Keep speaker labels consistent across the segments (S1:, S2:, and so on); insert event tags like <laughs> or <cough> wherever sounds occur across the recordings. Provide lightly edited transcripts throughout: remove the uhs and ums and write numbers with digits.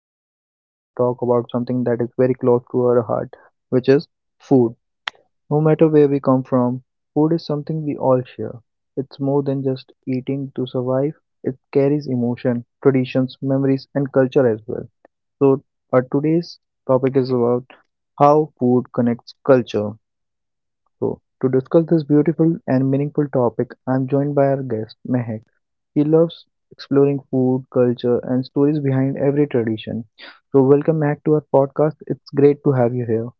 S1: today we are going to talk about something that is very close to our heart, which is food. No matter where we come from, food is something we all share. It's more than just eating to survive. It carries emotion, traditions, memories and culture as well. So our today's topic is about how food connects culture. So, to discuss this beautiful and meaningful topic, I'm joined by our guest Mehak. He loves exploring food, culture, and stories behind every tradition. So, welcome back to our podcast. It's great to have you here.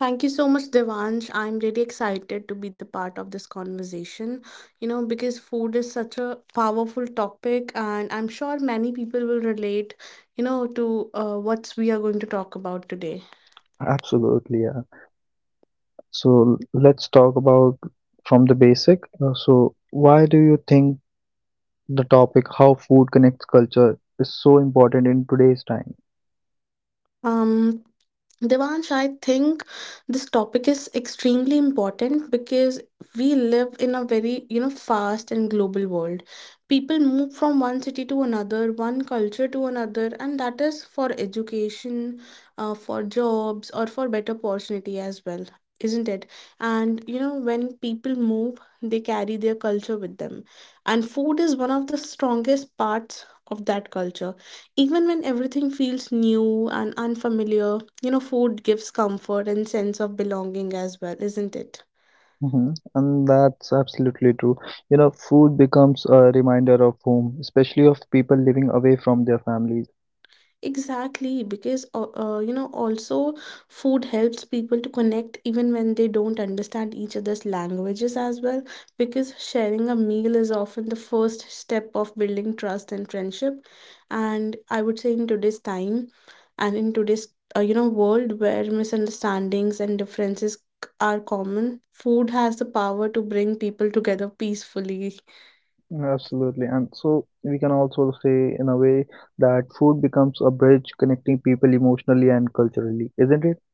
S2: Thank you so much, Devansh. I'm really excited to be the part of this conversation, because food is such a powerful topic, and I'm sure many people will relate, to what we are going to talk about today.
S1: Absolutely, yeah. So, let's talk about from the basic. Why do you think the topic how food connects culture is so important in today's time?
S2: Um, Devansh, I think this topic is extremely important because we live in a very, fast and global world. People move from one city to another, one culture to another, and that is for education, for jobs, or for better opportunity as well, isn't it? And, when people move, they carry their culture with them. And food is one of the strongest parts of that culture, even when everything feels new and unfamiliar, food gives comfort and sense of belonging as well, isn't it?
S1: Hmm. And that's absolutely true. You know, food becomes a reminder of home, especially of people living away from their families.
S2: Exactly, because also food helps people to connect even when they don't understand each other's languages as well. Because sharing a meal is often the first step of building trust and friendship. And I would say in today's time, and in today's world where misunderstandings and differences are common, food has the power to bring people together peacefully.
S1: Absolutely. And so we can also say, in a way, that food becomes a bridge connecting people emotionally and culturally, isn't it?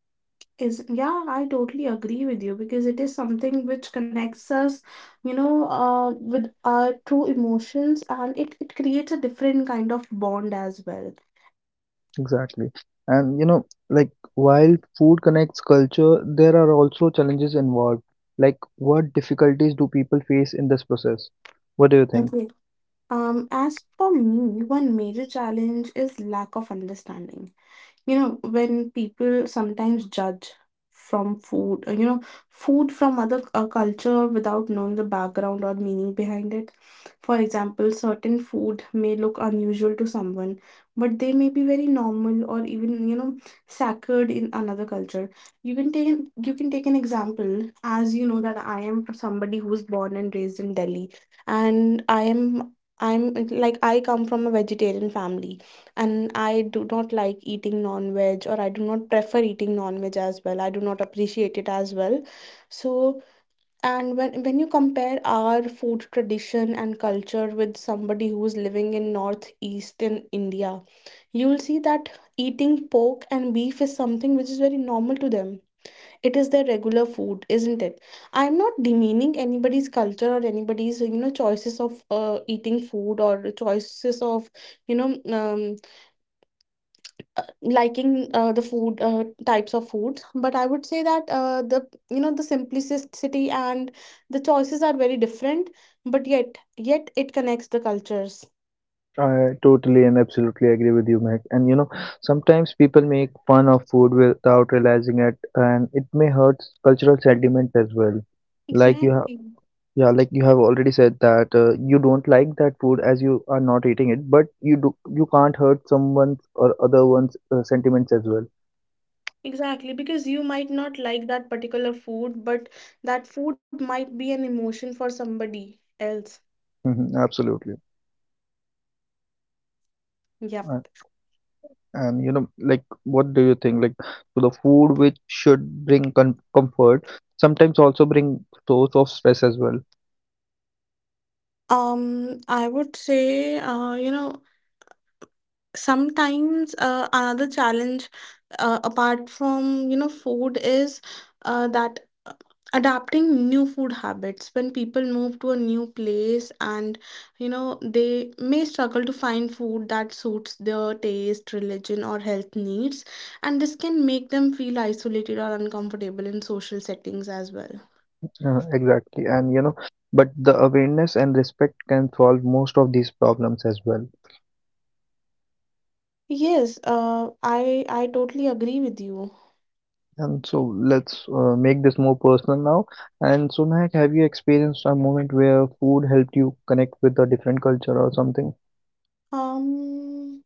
S2: Is, yeah, I totally agree with you, because it is something which connects us, you know uh, with our true emotions, and it creates a different kind of bond as well.
S1: Exactly. And you know, like while food connects culture, there are also challenges involved. Like, what difficulties do people face in this process? What do you think?
S2: Okay. As for me, one major challenge is lack of understanding. When people sometimes judge from food you know food from other culture, without knowing the background or meaning behind it. For example, certain food may look unusual to someone, but they may be very normal or even sacred in another culture. You can take an example. As you know, that I am somebody who was born and raised in Delhi, and I'm like, I come from a vegetarian family, and I do not like eating non-veg, or I do not prefer eating non-veg as well. I do not appreciate it as well. So, and when you compare our food tradition and culture with somebody who's living in northeastern India, you'll see that eating pork and beef is something which is very normal to them. It is their regular food, isn't it? I'm not demeaning anybody's culture or anybody's choices of eating food, or choices of, you know um, liking, the food, types of foods. But I would say that the you know the simplicity and the choices are very different, but yet it connects the cultures.
S1: I totally and absolutely agree with you, Mac. And you know, sometimes people make fun of food without realizing it, and it may hurt cultural sentiment as well. Like you have.
S2: Exactly.
S1: Yeah, like you have already said that you don't like that food as you are not eating it, but you do you can't hurt someone's or other one's sentiments as well.
S2: Exactly, because you might not like that particular food, but that food might be an emotion for somebody else.
S1: Mm-hmm, absolutely.
S2: Yep.
S1: Uh, and you know, like, what do you think? Like, so the food which should bring com comfort sometimes also bring source of stress as well.
S2: um I would say, uh, you know sometimes, another challenge, apart from food, is, that, uh, adapting new food habits when people move to a new place, and they may struggle to find food that suits their taste, religion, or health needs. And this can make them feel isolated or uncomfortable in social settings as well.
S1: Exactly. And you know, but the awareness and respect can solve most of these problems as well.
S2: Yes, I totally agree with you.
S1: And so let's make this more personal now. And so, Mehak, have you experienced a moment where food helped you connect with a different culture or something?
S2: um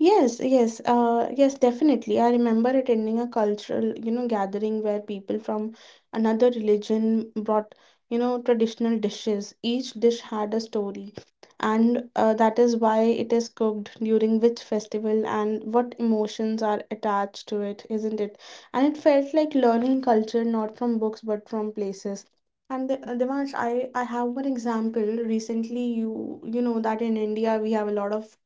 S2: Yes, yes, yes, definitely. I remember attending a cultural, gathering where people from another religion brought, traditional dishes. Each dish had a story, and that is why it is cooked during which festival and what emotions are attached to it, isn't it? And it felt like learning culture, not from books, but from places. And Devansh, I have one example. Recently, you know that in India we have a lot of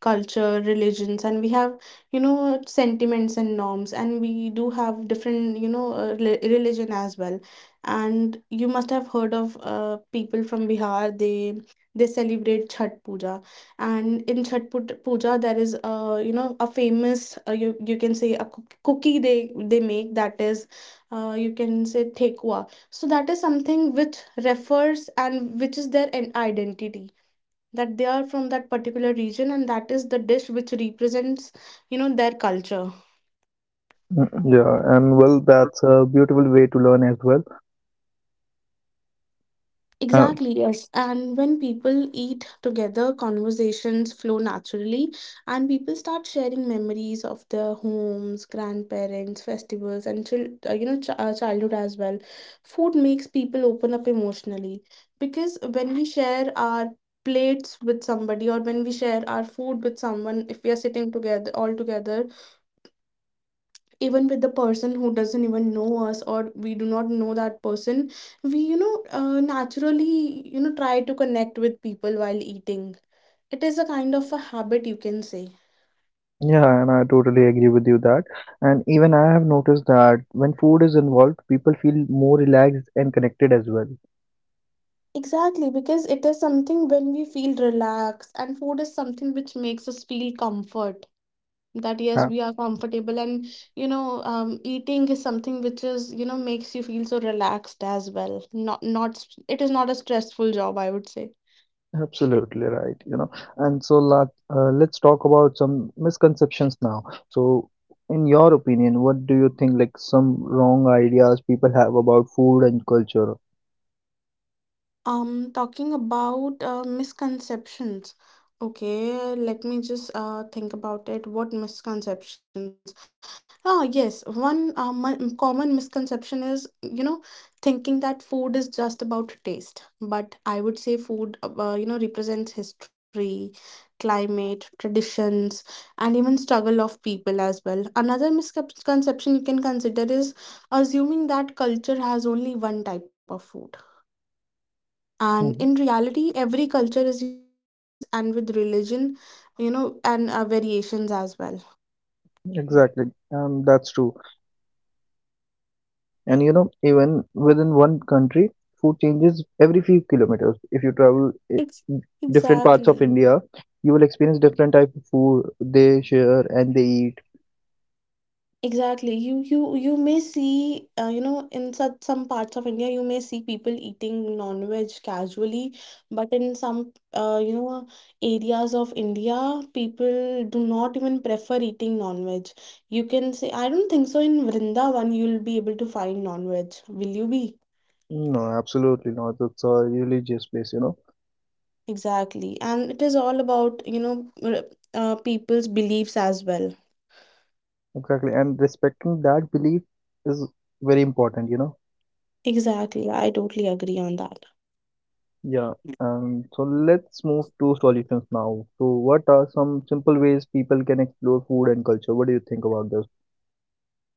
S2: culture, religions, and we have sentiments and norms, and we do have different, religion as well. And you must have heard of people from Bihar. They celebrate Chhat Puja. And in Chhat Puja there is a famous, you can say, a cookie they make, that is, you can say, thekwa. So that is something which refers, and which is their identity, that they are from that particular region, and that is the dish which represents their culture.
S1: Mm, yeah, and well, that's a beautiful way to learn as well. Uh,
S2: Exactly. Yes. And when people eat together, conversations flow naturally. And people start sharing memories of their homes, grandparents, festivals, and childhood as well. Food makes people open up emotionally, because when we share our plates with somebody, or when we share our food with someone, if we are sitting together all together, even with the person who doesn't even know us, or we do not know that person, we naturally try to connect with people while eating. It is a kind of a habit, you can say.
S1: yeah, and I totally agree with you that. And even I have noticed that when food is involved, people feel more relaxed and connected as well.
S2: Exactly, because it is something when we feel relaxed, and food is something which makes us feel comfort, that yes,
S1: Uh,
S2: we are comfortable. And eating is something which is you know makes you feel so relaxed as well. Not, not, it is not a stressful job, I would say.
S1: Absolutely right, you know. And so let's talk about some misconceptions now. So, in your opinion, what do you think like some wrong ideas people have about food and culture?
S2: Talking about misconceptions. Okay, let me just think about it. What misconceptions? Oh, yes, one common misconception is, thinking that food is just about taste. But I would say food, represents history, climate, traditions, and even struggle of people as well. Another misconception you can consider is assuming that culture has only one type of food, and in
S1: Mhm.
S2: reality every culture is diverse, and with religion, and variations as well.
S1: Exactly, that's true. And you know, even within one country, food changes every few kilometers. If you travel
S2: Ex-
S1: different parts of
S2: exactly.
S1: India, you will experience different type of food they share and they eat.
S2: Exactly, you may see in such some parts of India you may see people eating non-veg casually, but in some uh, you know areas of India, people do not even prefer eating non-veg. You can say, I don't think so, in Vrindavan you'll be able to find non-veg, will you be?
S1: No, absolutely not. It's a religious place, you know.
S2: Exactly. And it is all about, people's beliefs as well.
S1: Exactly, and respecting that belief is very important, you know.
S2: Exactly. I totally agree on that.
S1: Yeah. So let's move to solutions now. So, what are some simple ways people can explore food and culture? What do you think about this?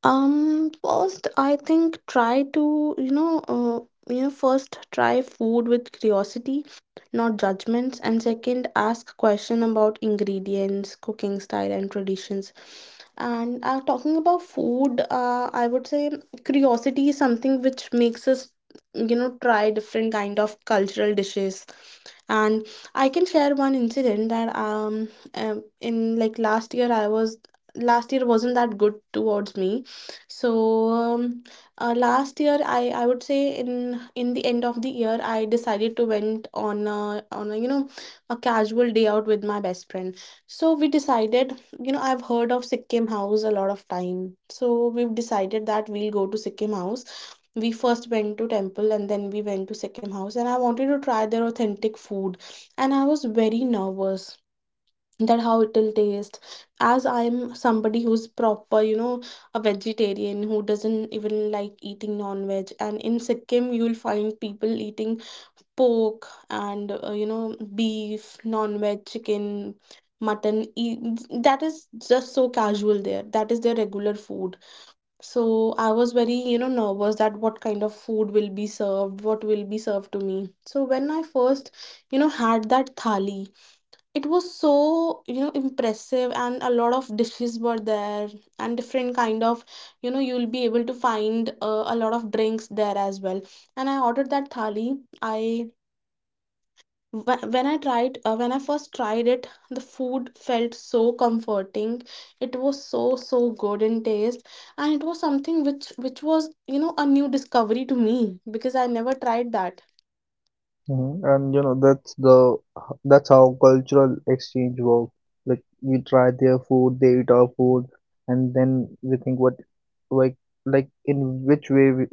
S2: First, I think, try to, first try food with curiosity, not judgments, and second, ask question about ingredients, cooking style, and traditions. And talking about food, I would say curiosity is something which makes us, try different kind of cultural dishes. And I can share one incident that in like last year wasn't that good towards me, so last year, I would say, in the end of the year, I decided to went on a, you know a casual day out with my best friend. So we decided, you know, I've heard of Sikkim House a lot of time. So we've decided that we'll go to Sikkim House. We first went to temple, and then we went to Sikkim House, and I wanted to try their authentic food, and I was very nervous that how it will taste, as I'm somebody who's proper, a vegetarian who doesn't even like eating non-veg. And in Sikkim you'll find people eating pork, and beef, non-veg, chicken, mutton, that is just so casual there. That is their regular food. So I was very nervous, that what kind of food will be served, what will be served to me. So when I first had that thali, it was so impressive, and a lot of dishes were there. And different kind of, you'll be able to find a lot of drinks there as well. And I ordered that thali. I wh- when I tried When I first tried it, the food felt so comforting. It was so, so good in taste. And it was something which was a new discovery to me, because I never tried that.
S1: Hmm. And you know, that's how cultural exchange works. Like we try their food, they eat our food, and then we think what like like in which way we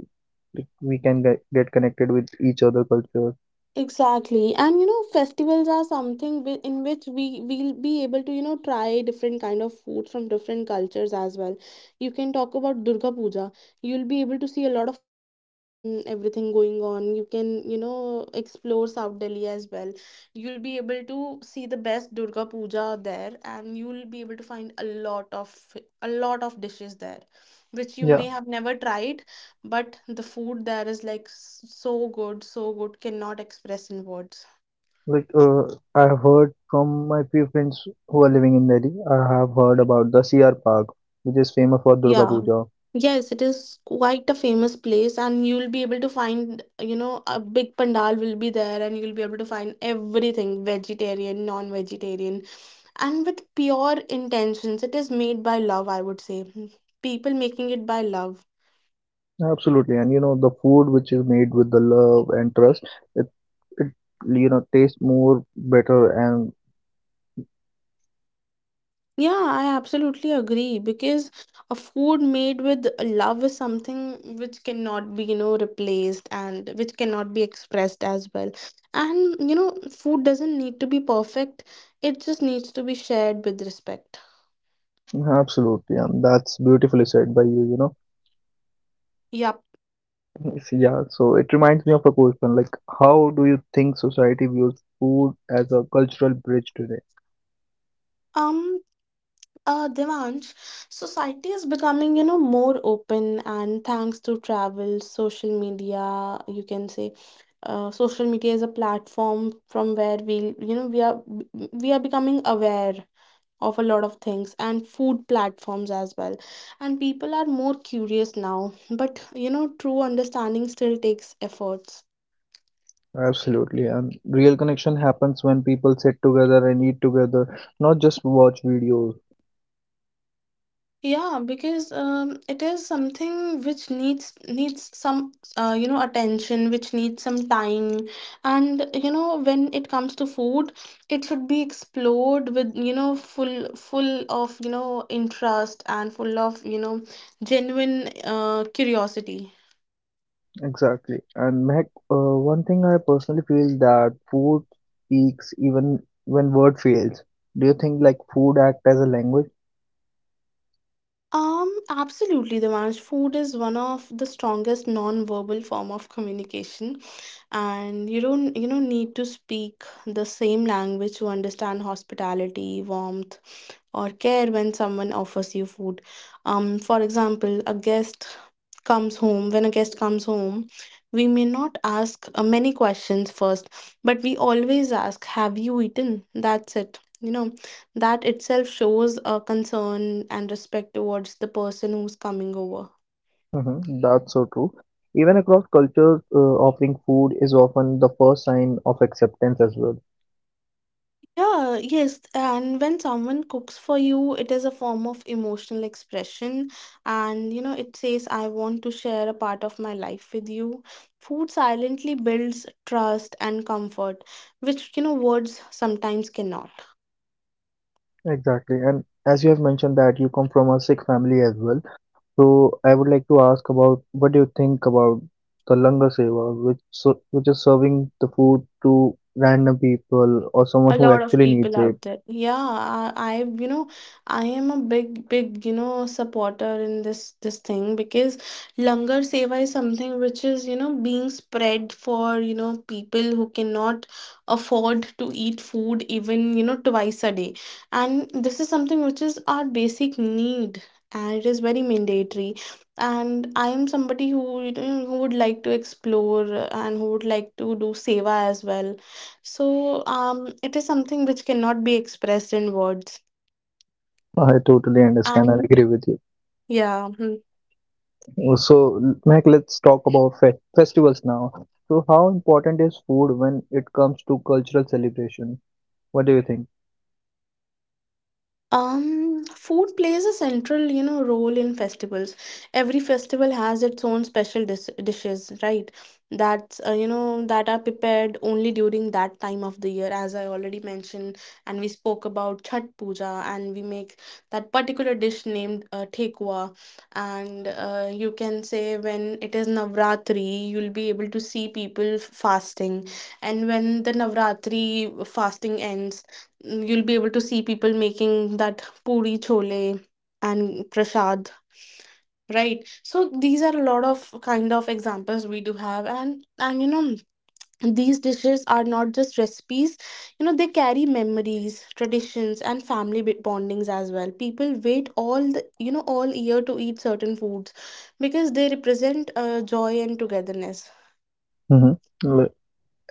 S1: like, we can get connected with each other culture.
S2: Exactly. And festivals are something in which we will be able to, try different kind of food from different cultures as well. You can talk about Durga Puja. You'll be able to see a lot of pandals and everything going on. You can, explore South Delhi as well. You'll be able to see the best Durga Puja there, and you'll be able to find a lot of dishes there which you
S1: Yeah.
S2: may have never tried. But the food there is like so good, so good, cannot express in words.
S1: Like I have heard from my few friends who are living in Delhi, I have heard about the CR Park, which is famous for Durga
S2: Yeah.
S1: Puja.
S2: Yes, it is quite a famous place, and you'll be able to find, a big pandal will be there, and you'll be able to find everything, vegetarian, non-vegetarian, and with pure intentions. It is made by love, I would say. People making it by love.
S1: Absolutely, and you know the food which is made with the love and trust, it, it you know tastes more better and
S2: Yeah, I absolutely agree because a food made with love is something which cannot be replaced and which cannot be expressed as well. And food doesn't need to be perfect, it just needs to be shared with respect.
S1: absolutely, and that's beautifully said by you. You know,
S2: Yep.
S1: so, yeah. So it reminds me of a question like, how do you think society views food as a cultural bridge today?
S2: Um, Devansh. Society is becoming more open, and thanks to travel, social media, you can say social media is a platform from where we you know we are becoming aware of a lot of things and food platforms as well. And people are more curious now, but true understanding still takes efforts.
S1: Absolutely, and real connection happens when people sit together and eat together, not just watch videos.
S2: Yeah, because it is something which needs some attention, which needs some time, and when it comes to food, it should be explored with full of interest and full of genuine curiosity.
S1: Exactly. And Mehak, one thing I personally feel that food speaks even when word fails. Do you think like food act as a language?
S2: Absolutely, Devansh. Food is one of the strongest non-verbal form of communication, and you don't need to speak the same language to understand hospitality, warmth, or care when someone offers you food. For example, a guest comes home. When a guest comes home, we may not ask many questions first, but we always ask, "Have you eaten?" That's it. That itself shows a concern and respect towards the person who's coming over.
S1: Hmm. That's so true. Even across cultures, offering food is often the first sign of acceptance as well.
S2: Yeah, yes. And when someone cooks for you, it is a form of emotional expression. And it says, I want to share a part of my life with you. Food silently builds trust and comfort, which words sometimes cannot.
S1: Exactly. And as you have mentioned that you come from a Sikh family as well. So I would like to ask about what do you think about the Langar Seva, which so, which is serving the food to random people or someone
S2: A
S1: who
S2: lot of
S1: actually needs
S2: people
S1: it.
S2: out there, yeah. I am a big supporter in this thing because langar seva is something which is being spread for people who cannot afford to eat food even twice a day, and this is something which is our basic need, and it is very mandatory, and I am somebody who who would like to explore and who would like to do seva as well. So it is something which cannot be expressed in words.
S1: <laughs> I totally understand. I
S2: And
S1: agree with you.
S2: yeah. Hmm.
S1: So, Mac, let's talk about festivals now. So, how important is food when it comes to cultural celebration? What do you think?
S2: Food plays a central, role in festivals. Every festival has its own special dishes, right? That are prepared only during that time of the year, as I already mentioned. And we spoke about Chhat Puja, and we make that particular dish named Thekwa. And you can say when it is Navratri, you'll be able to see people fasting. And when the Navratri fasting ends, you'll be able to see people making that puri chole and prasad. Right, so these are a lot of kind of examples we do have, and these dishes are not just recipes. You know, they carry memories, traditions, and family bondings as well. People wait all the all year to eat certain foods because they represent joy and togetherness.
S1: Mm-hmm.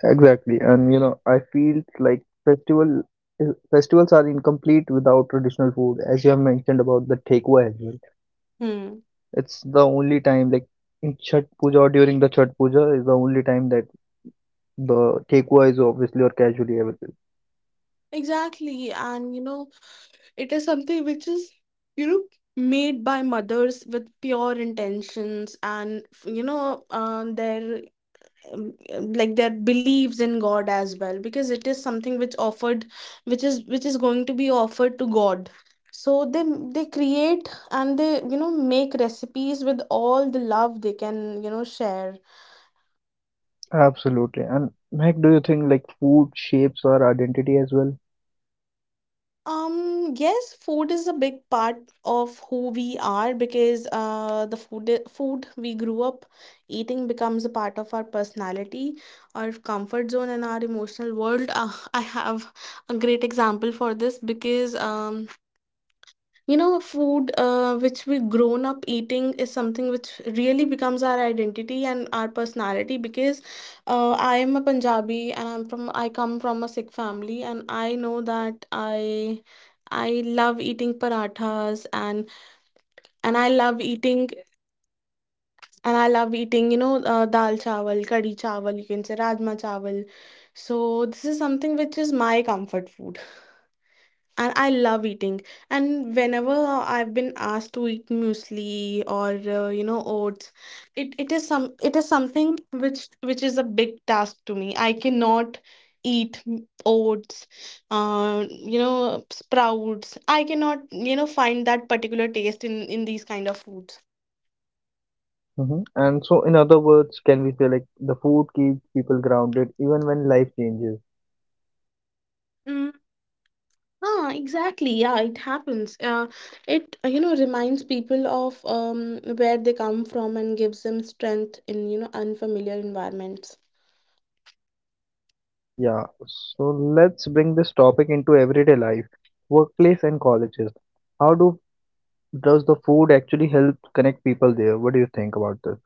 S1: Exactly, and you know, I feel like eh, festivals are incomplete without traditional food, as you have mentioned about the takeaway.
S2: Hmm.
S1: It's the only time, like in Chhath Puja or during the Chhath Puja, is the only time that the takeaway is obviously or casually available.
S2: Exactly, and it is something which is, you know, made by mothers with pure intentions, and their like their beliefs in God as well because it is something which offered, which is going to be offered to God. So they create, and they make recipes with all the love they can share.
S1: Absolutely. And Mike, do you think like food shapes our identity as well?
S2: Yes, food is a big part of who we are because the food we grew up eating becomes a part of our personality, our comfort zone, and our emotional world. I have a great example for this because food which we grown up eating is something which really becomes our identity and our personality because I am a Punjabi, and I come from a Sikh family, and I know that I love eating parathas, and I love eating dal chawal, kadi chawal, you can say rajma chawal. So this is something which is my comfort food, and I love eating. And whenever I've been asked to eat muesli or oats, it is something which is a big task to me. I cannot eat oats, sprouts. I cannot find that particular taste in these kind of foods.
S1: Hmm. And so, in other words, can we say like the food keeps people grounded even when life changes?
S2: Ah, exactly. Yeah, it happens. It reminds people of where they come from and gives them strength in unfamiliar environments.
S1: Yeah. So let's bring this topic into everyday life, workplace and colleges. How do does the food actually help connect people there? What do you think about this?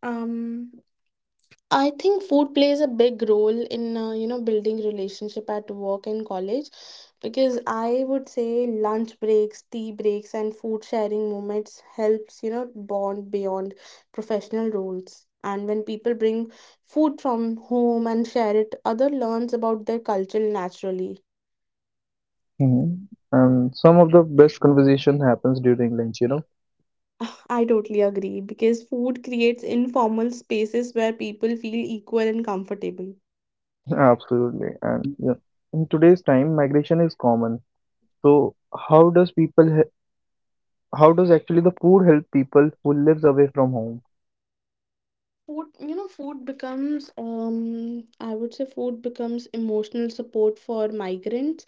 S2: Um, I think food plays a big role in building relationship at work and college because I would say lunch breaks, tea breaks, and food sharing moments helps bond beyond professional roles. And when people bring food from home and share it, other learns about their culture naturally.
S1: Mhm. And some of the best conversation happens during lunch, you know.
S2: <laughs> I totally agree because food creates informal spaces where people feel equal and comfortable.
S1: <laughs> Absolutely. And yeah, in today's time, migration is common. So how does how does actually the food help people who lives away from home?
S2: Food becomes, I would say, food becomes emotional support for migrants.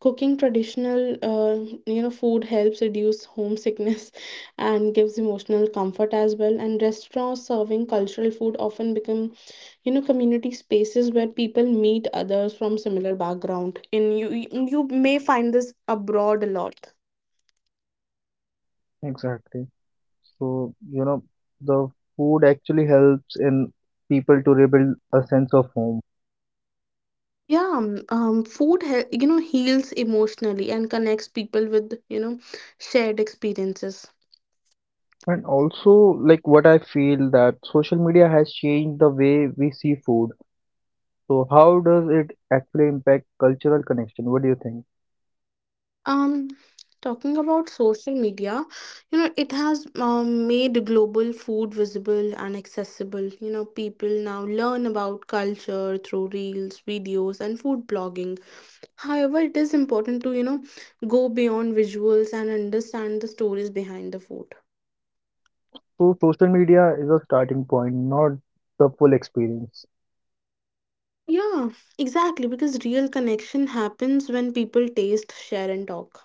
S2: Cooking traditional, food helps reduce homesickness <laughs> and gives emotional comfort as well. And restaurants serving cultural food often become, community spaces where people meet others from similar background. In you may find this abroad a lot.
S1: Exactly. So, you know, the food actually helps in people to rebuild a sense of home.
S2: Yeah, food heals emotionally and connects people with shared experiences.
S1: And also, like what I feel that social media has changed the way we see food. So how does it actually impact cultural connection? What do you think?
S2: Um, talking about social media, it has made global food visible and accessible. People now learn about culture through reels, videos, and food blogging. However, it is important to go beyond visuals and understand the stories behind the food.
S1: So social media is a starting point, not the full experience.
S2: Yeah, exactly. Because real connection happens when people taste, share, and talk.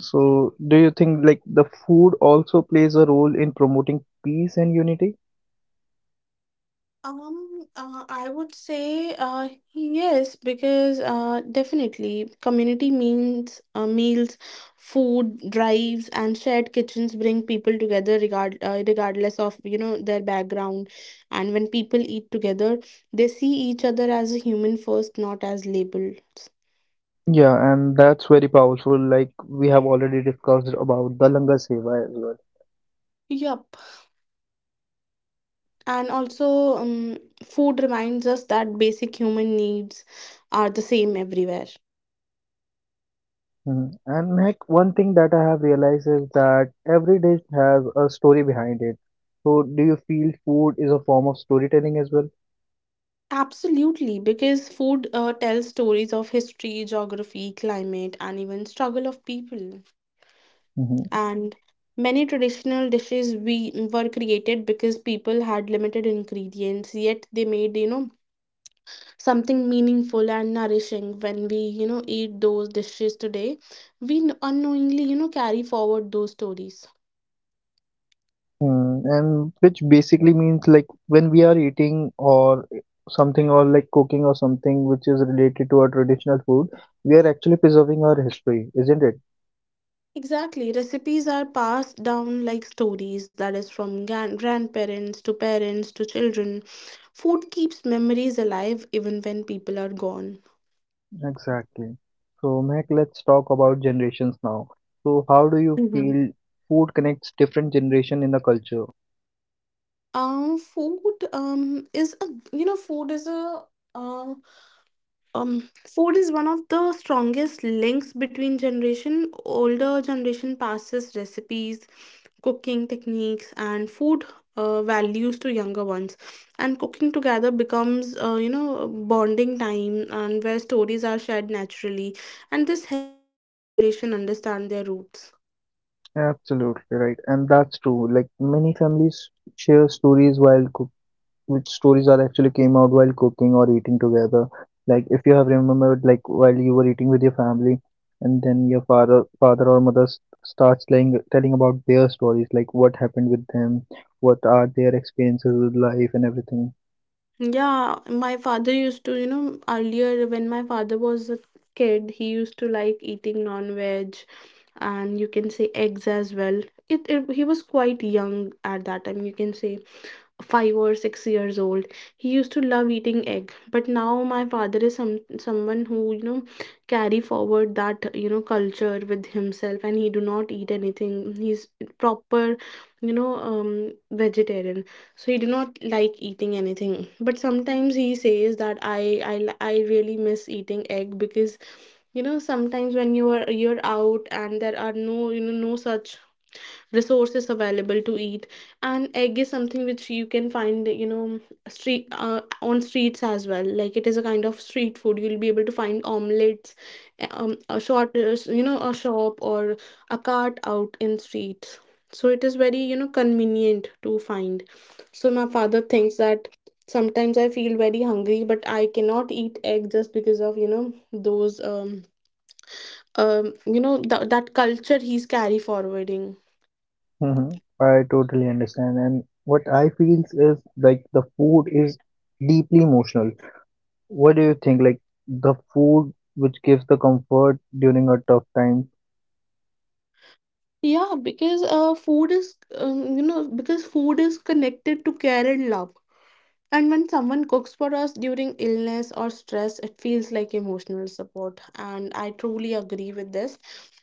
S1: So do you think like the food also plays a role in promoting peace and unity?
S2: I would say yes, because definitely community means meals, food drives, and shared kitchens bring people together regardless of their background. And when people eat together, they see each other as a human first, not as labeled.
S1: Yeah, and that's very powerful. Like we have already discussed about the Langar Seva as well.
S2: Yep. And also food reminds us that basic human needs are the same everywhere.
S1: Mhm. And like one thing that I have realized is that every dish has a story behind it. So do you feel food is a form of storytelling as well?
S2: Absolutely, because food tells stories of history, geography, climate, and even struggle of people.
S1: Mhm.
S2: And many traditional dishes we were created because people had limited ingredients, yet they made something meaningful and nourishing. When we eat those dishes today, we unknowingly carry forward those stories.
S1: Hmm, and which basically means like when we are eating or something or like cooking or something which is related to our traditional food, we are actually preserving our history, isn't it?
S2: Exactly. Recipes are passed down like stories, that is, from grandparents to parents to children. Food keeps memories alive even when people are gone.
S1: Exactly. So, Mac, let's talk about generations now. So, how do you
S2: Hmm.
S1: feel food connects different generation in the culture?
S2: Food is a you know food is a um Food is one of the strongest links between generation. Older generation passes recipes, cooking techniques, and food values to younger ones, and cooking together becomes a bonding time and where stories are shared naturally, and this helps younger generation understand their roots.
S1: Absolutely right, and that's true. Like many families share stories while cooking, which stories are actually came out while cooking or eating together. Like if you have remembered, like while you were eating with your family, and then your father or mother starts telling about their stories, like what happened with them, what are their experiences with life and everything.
S2: Yeah, my father used to earlier when my father was a kid, he used to like eating non-veg, and you can say eggs as well. It he was quite young at that time, you can say 5 or 6 years old. He used to love eating egg, but now my father is someone who carry forward that culture with himself, and he do not eat anything. He's proper, vegetarian. So he do not like eating anything, but sometimes he says that I really miss eating egg because sometimes when you're out and there are no, no such resources available to eat, and egg is something which you can find street on streets as well, like it is a kind of street food. You'll be able to find omelets, a short, a shop or a cart out in streets. So it is very convenient to find. So my father thinks that sometimes I feel very hungry but I cannot eat egg just because of those you know th- that culture he's carry forwarding.
S1: Hmm. I totally understand, and what I feel is like the food is deeply emotional. What do you think? Like the food which gives the comfort during a tough time.
S2: Yeah, because food is, because food is connected to care and love. And when someone cooks for us during illness or stress, it feels like emotional support. And I truly agree with this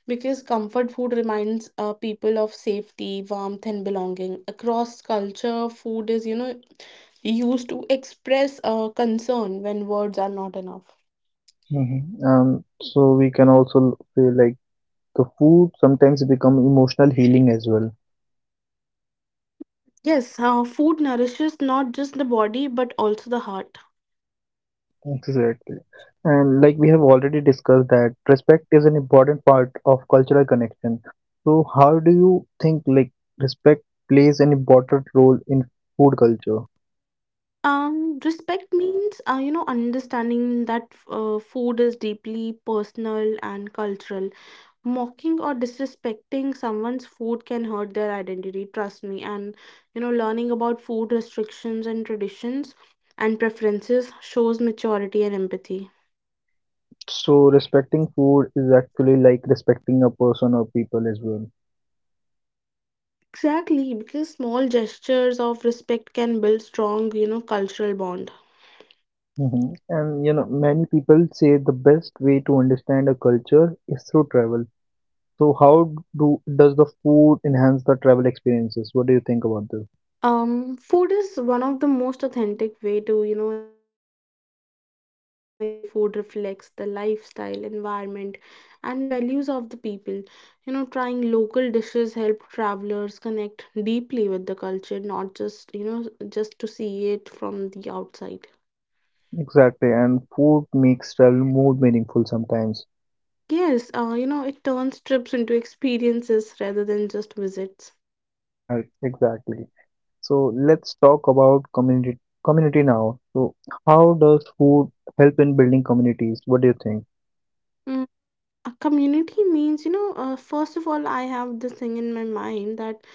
S2: because comfort food reminds people of safety, warmth, and belonging. Across culture, food is, used to express concern when words are not enough.
S1: Hmm. Um, so we can also feel like the food sometimes become emotional healing as well.
S2: Yes, food nourishes not just the body but also the heart.
S1: Exactly. And like we have already discussed that respect is an important part of cultural connection. So how do you think like respect plays an important role in food culture?
S2: Respect means, understanding that food is deeply personal and cultural. Mocking or disrespecting someone's food can hurt their identity, trust me. And learning about food restrictions and traditions and preferences shows maturity and empathy.
S1: So respecting food is actually like respecting a person or people as well.
S2: Exactly, because small gestures of respect can build strong, cultural bond.
S1: Hmm. And you know, many people say the best way to understand a culture is through travel. So how do does the food enhance the travel experiences? What do you think about this?
S2: Food is one of the most authentic way to, experience a place, and local food reflects the lifestyle, environment, and values of the people. Trying local dishes help travelers connect deeply with the culture, not just, just to see it from the outside.
S1: Exactly, and food makes travel more meaningful sometimes. <laughs>
S2: Yes, it turns trips into experiences rather than just visits.
S1: Right, exactly. So let's talk about community now. So how does food help in building communities? What do you think?
S2: Mm, A community means, first of all, I have this thing in my mind that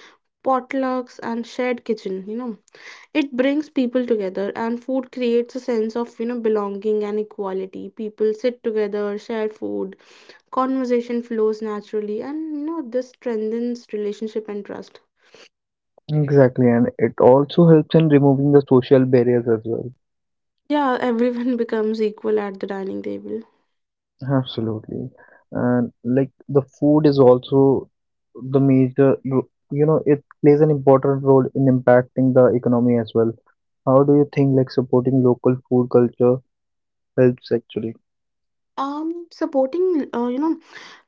S2: potlucks and shared kitchen it brings people together, and food creates a sense of belonging and equality. People sit together, share food, conversation flows naturally, and this strengthens relationship and trust.
S1: Exactly, and it also helps in removing the social barriers as well.
S2: Yeah, everyone <laughs> becomes equal at the dining table.
S1: Absolutely. And like the food is also the major, you know, it plays an important role in impacting the economy as well. How do you think like supporting local food culture helps actually?
S2: Um supporting you know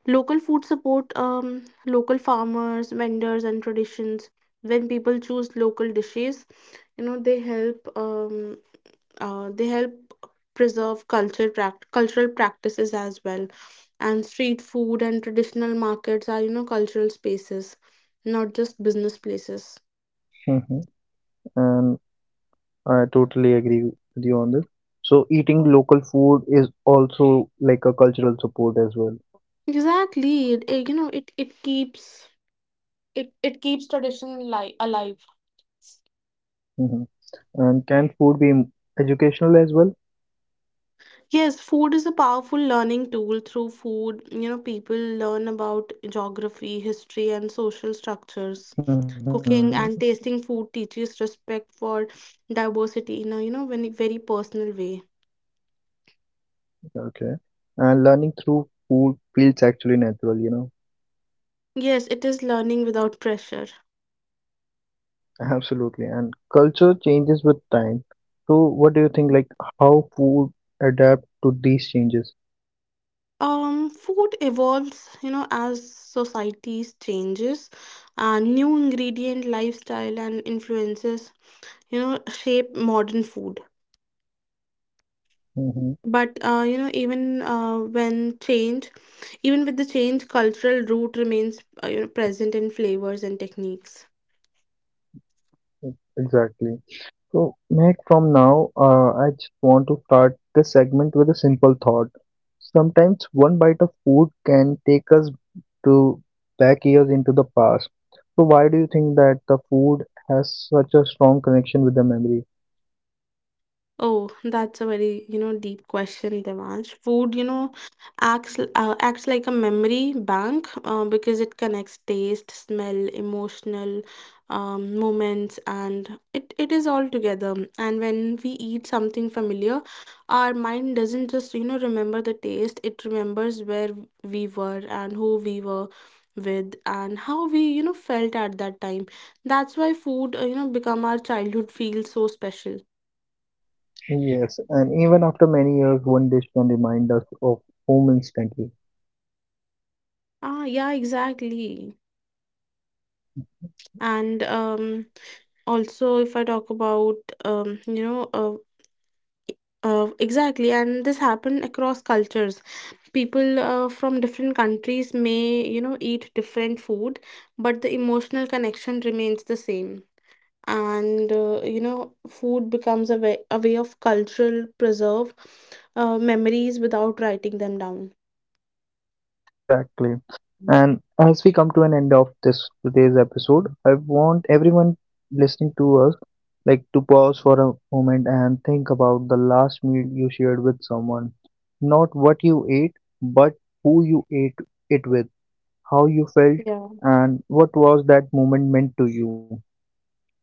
S2: local food support local farmers, vendors, and traditions. When people choose local dishes, you know they help um they help preserve cultural practices as well. And street food and traditional markets are, cultural spaces, not just business places.
S1: <laughs> And I totally agree with you on this. So eating local food is also like a cultural support as well.
S2: Exactly. It keeps tradition alive.
S1: Hmm. And can food be educational as well?
S2: Yes, food is a powerful learning tool. Through food, people learn about geography, history, and social structures.
S1: Hmm.
S2: Cooking and tasting food teaches respect for diversity in a, very personal way.
S1: Okay. And learning through food feels actually natural, you know.
S2: Yes, it is learning without pressure.
S1: Absolutely. And culture changes with time. So what do you think, like how food adapt to these changes?
S2: Food evolves, as societies changes, and new ingredient, lifestyle, and influences, shape modern food.
S1: Hmm.
S2: But even when change, even with the change, cultural root remains present in flavors and techniques.
S1: Exactly. So, Meg, from now, I just want to start this segment with a simple thought. Sometimes one bite of food can take us to back years into the past. So, why do you think that the food has such a strong connection with the memory?
S2: Oh, that's a very, deep question, Devansh. Food, acts like a memory bank because it connects taste, smell, emotional moments, and it is all together. And when we eat something familiar, our mind doesn't just, remember the taste. It remembers where we were and who we were with and how we, felt at that time. That's why food, become our childhood feels so special.
S1: Yes, and even after many years, one dish can remind us of home instantly.
S2: Ah, yeah, exactly. And also, if I talk about, um, you know, uh, exactly, and this happened across cultures. People from different countries may, eat different food, but the emotional connection remains the same. And food becomes a way of cultural preserve memories without writing them down.
S1: Exactly. And as we come to an end of this today's episode, I want everyone listening to us like to pause for a moment and think about the last meal you shared with someone. Not what you ate, but who you ate it with, how you felt,
S2: Yeah,
S1: and what was that moment meant to you.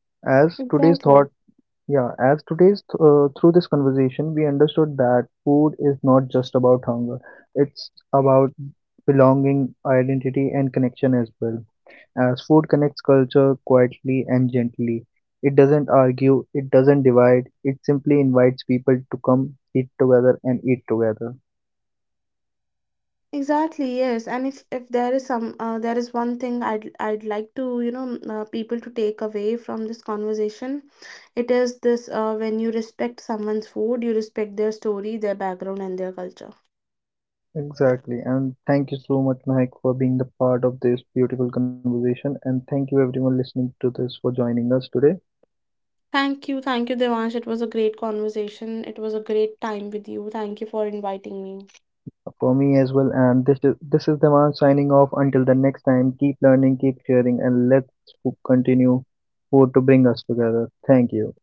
S1: As today's thought
S2: exactly.
S1: yeah, as today's th- Through this conversation, we understood that food is not just about hunger. It's about belonging, identity, and connection as well. As food connects culture quietly and gently, it doesn't argue, it doesn't divide, it simply invites people to come eat together and eat together.
S2: Exactly, yes. And if there is one thing I'd like to, people to take away from this conversation, it is this: when you respect someone's food, you respect their story, their background, and their culture.
S1: Exactly, and thank you so much, Mike, for being the part of this beautiful conversation, and thank you everyone listening to this for joining us today.
S2: Thank you. Thank you, Devansh. It was a great conversation. It was a great time with you. Thank you for inviting me.
S1: For me as well, and this is the man signing off. Until the next time, keep learning, keep sharing, and let's continue for to bring us together. Thank you.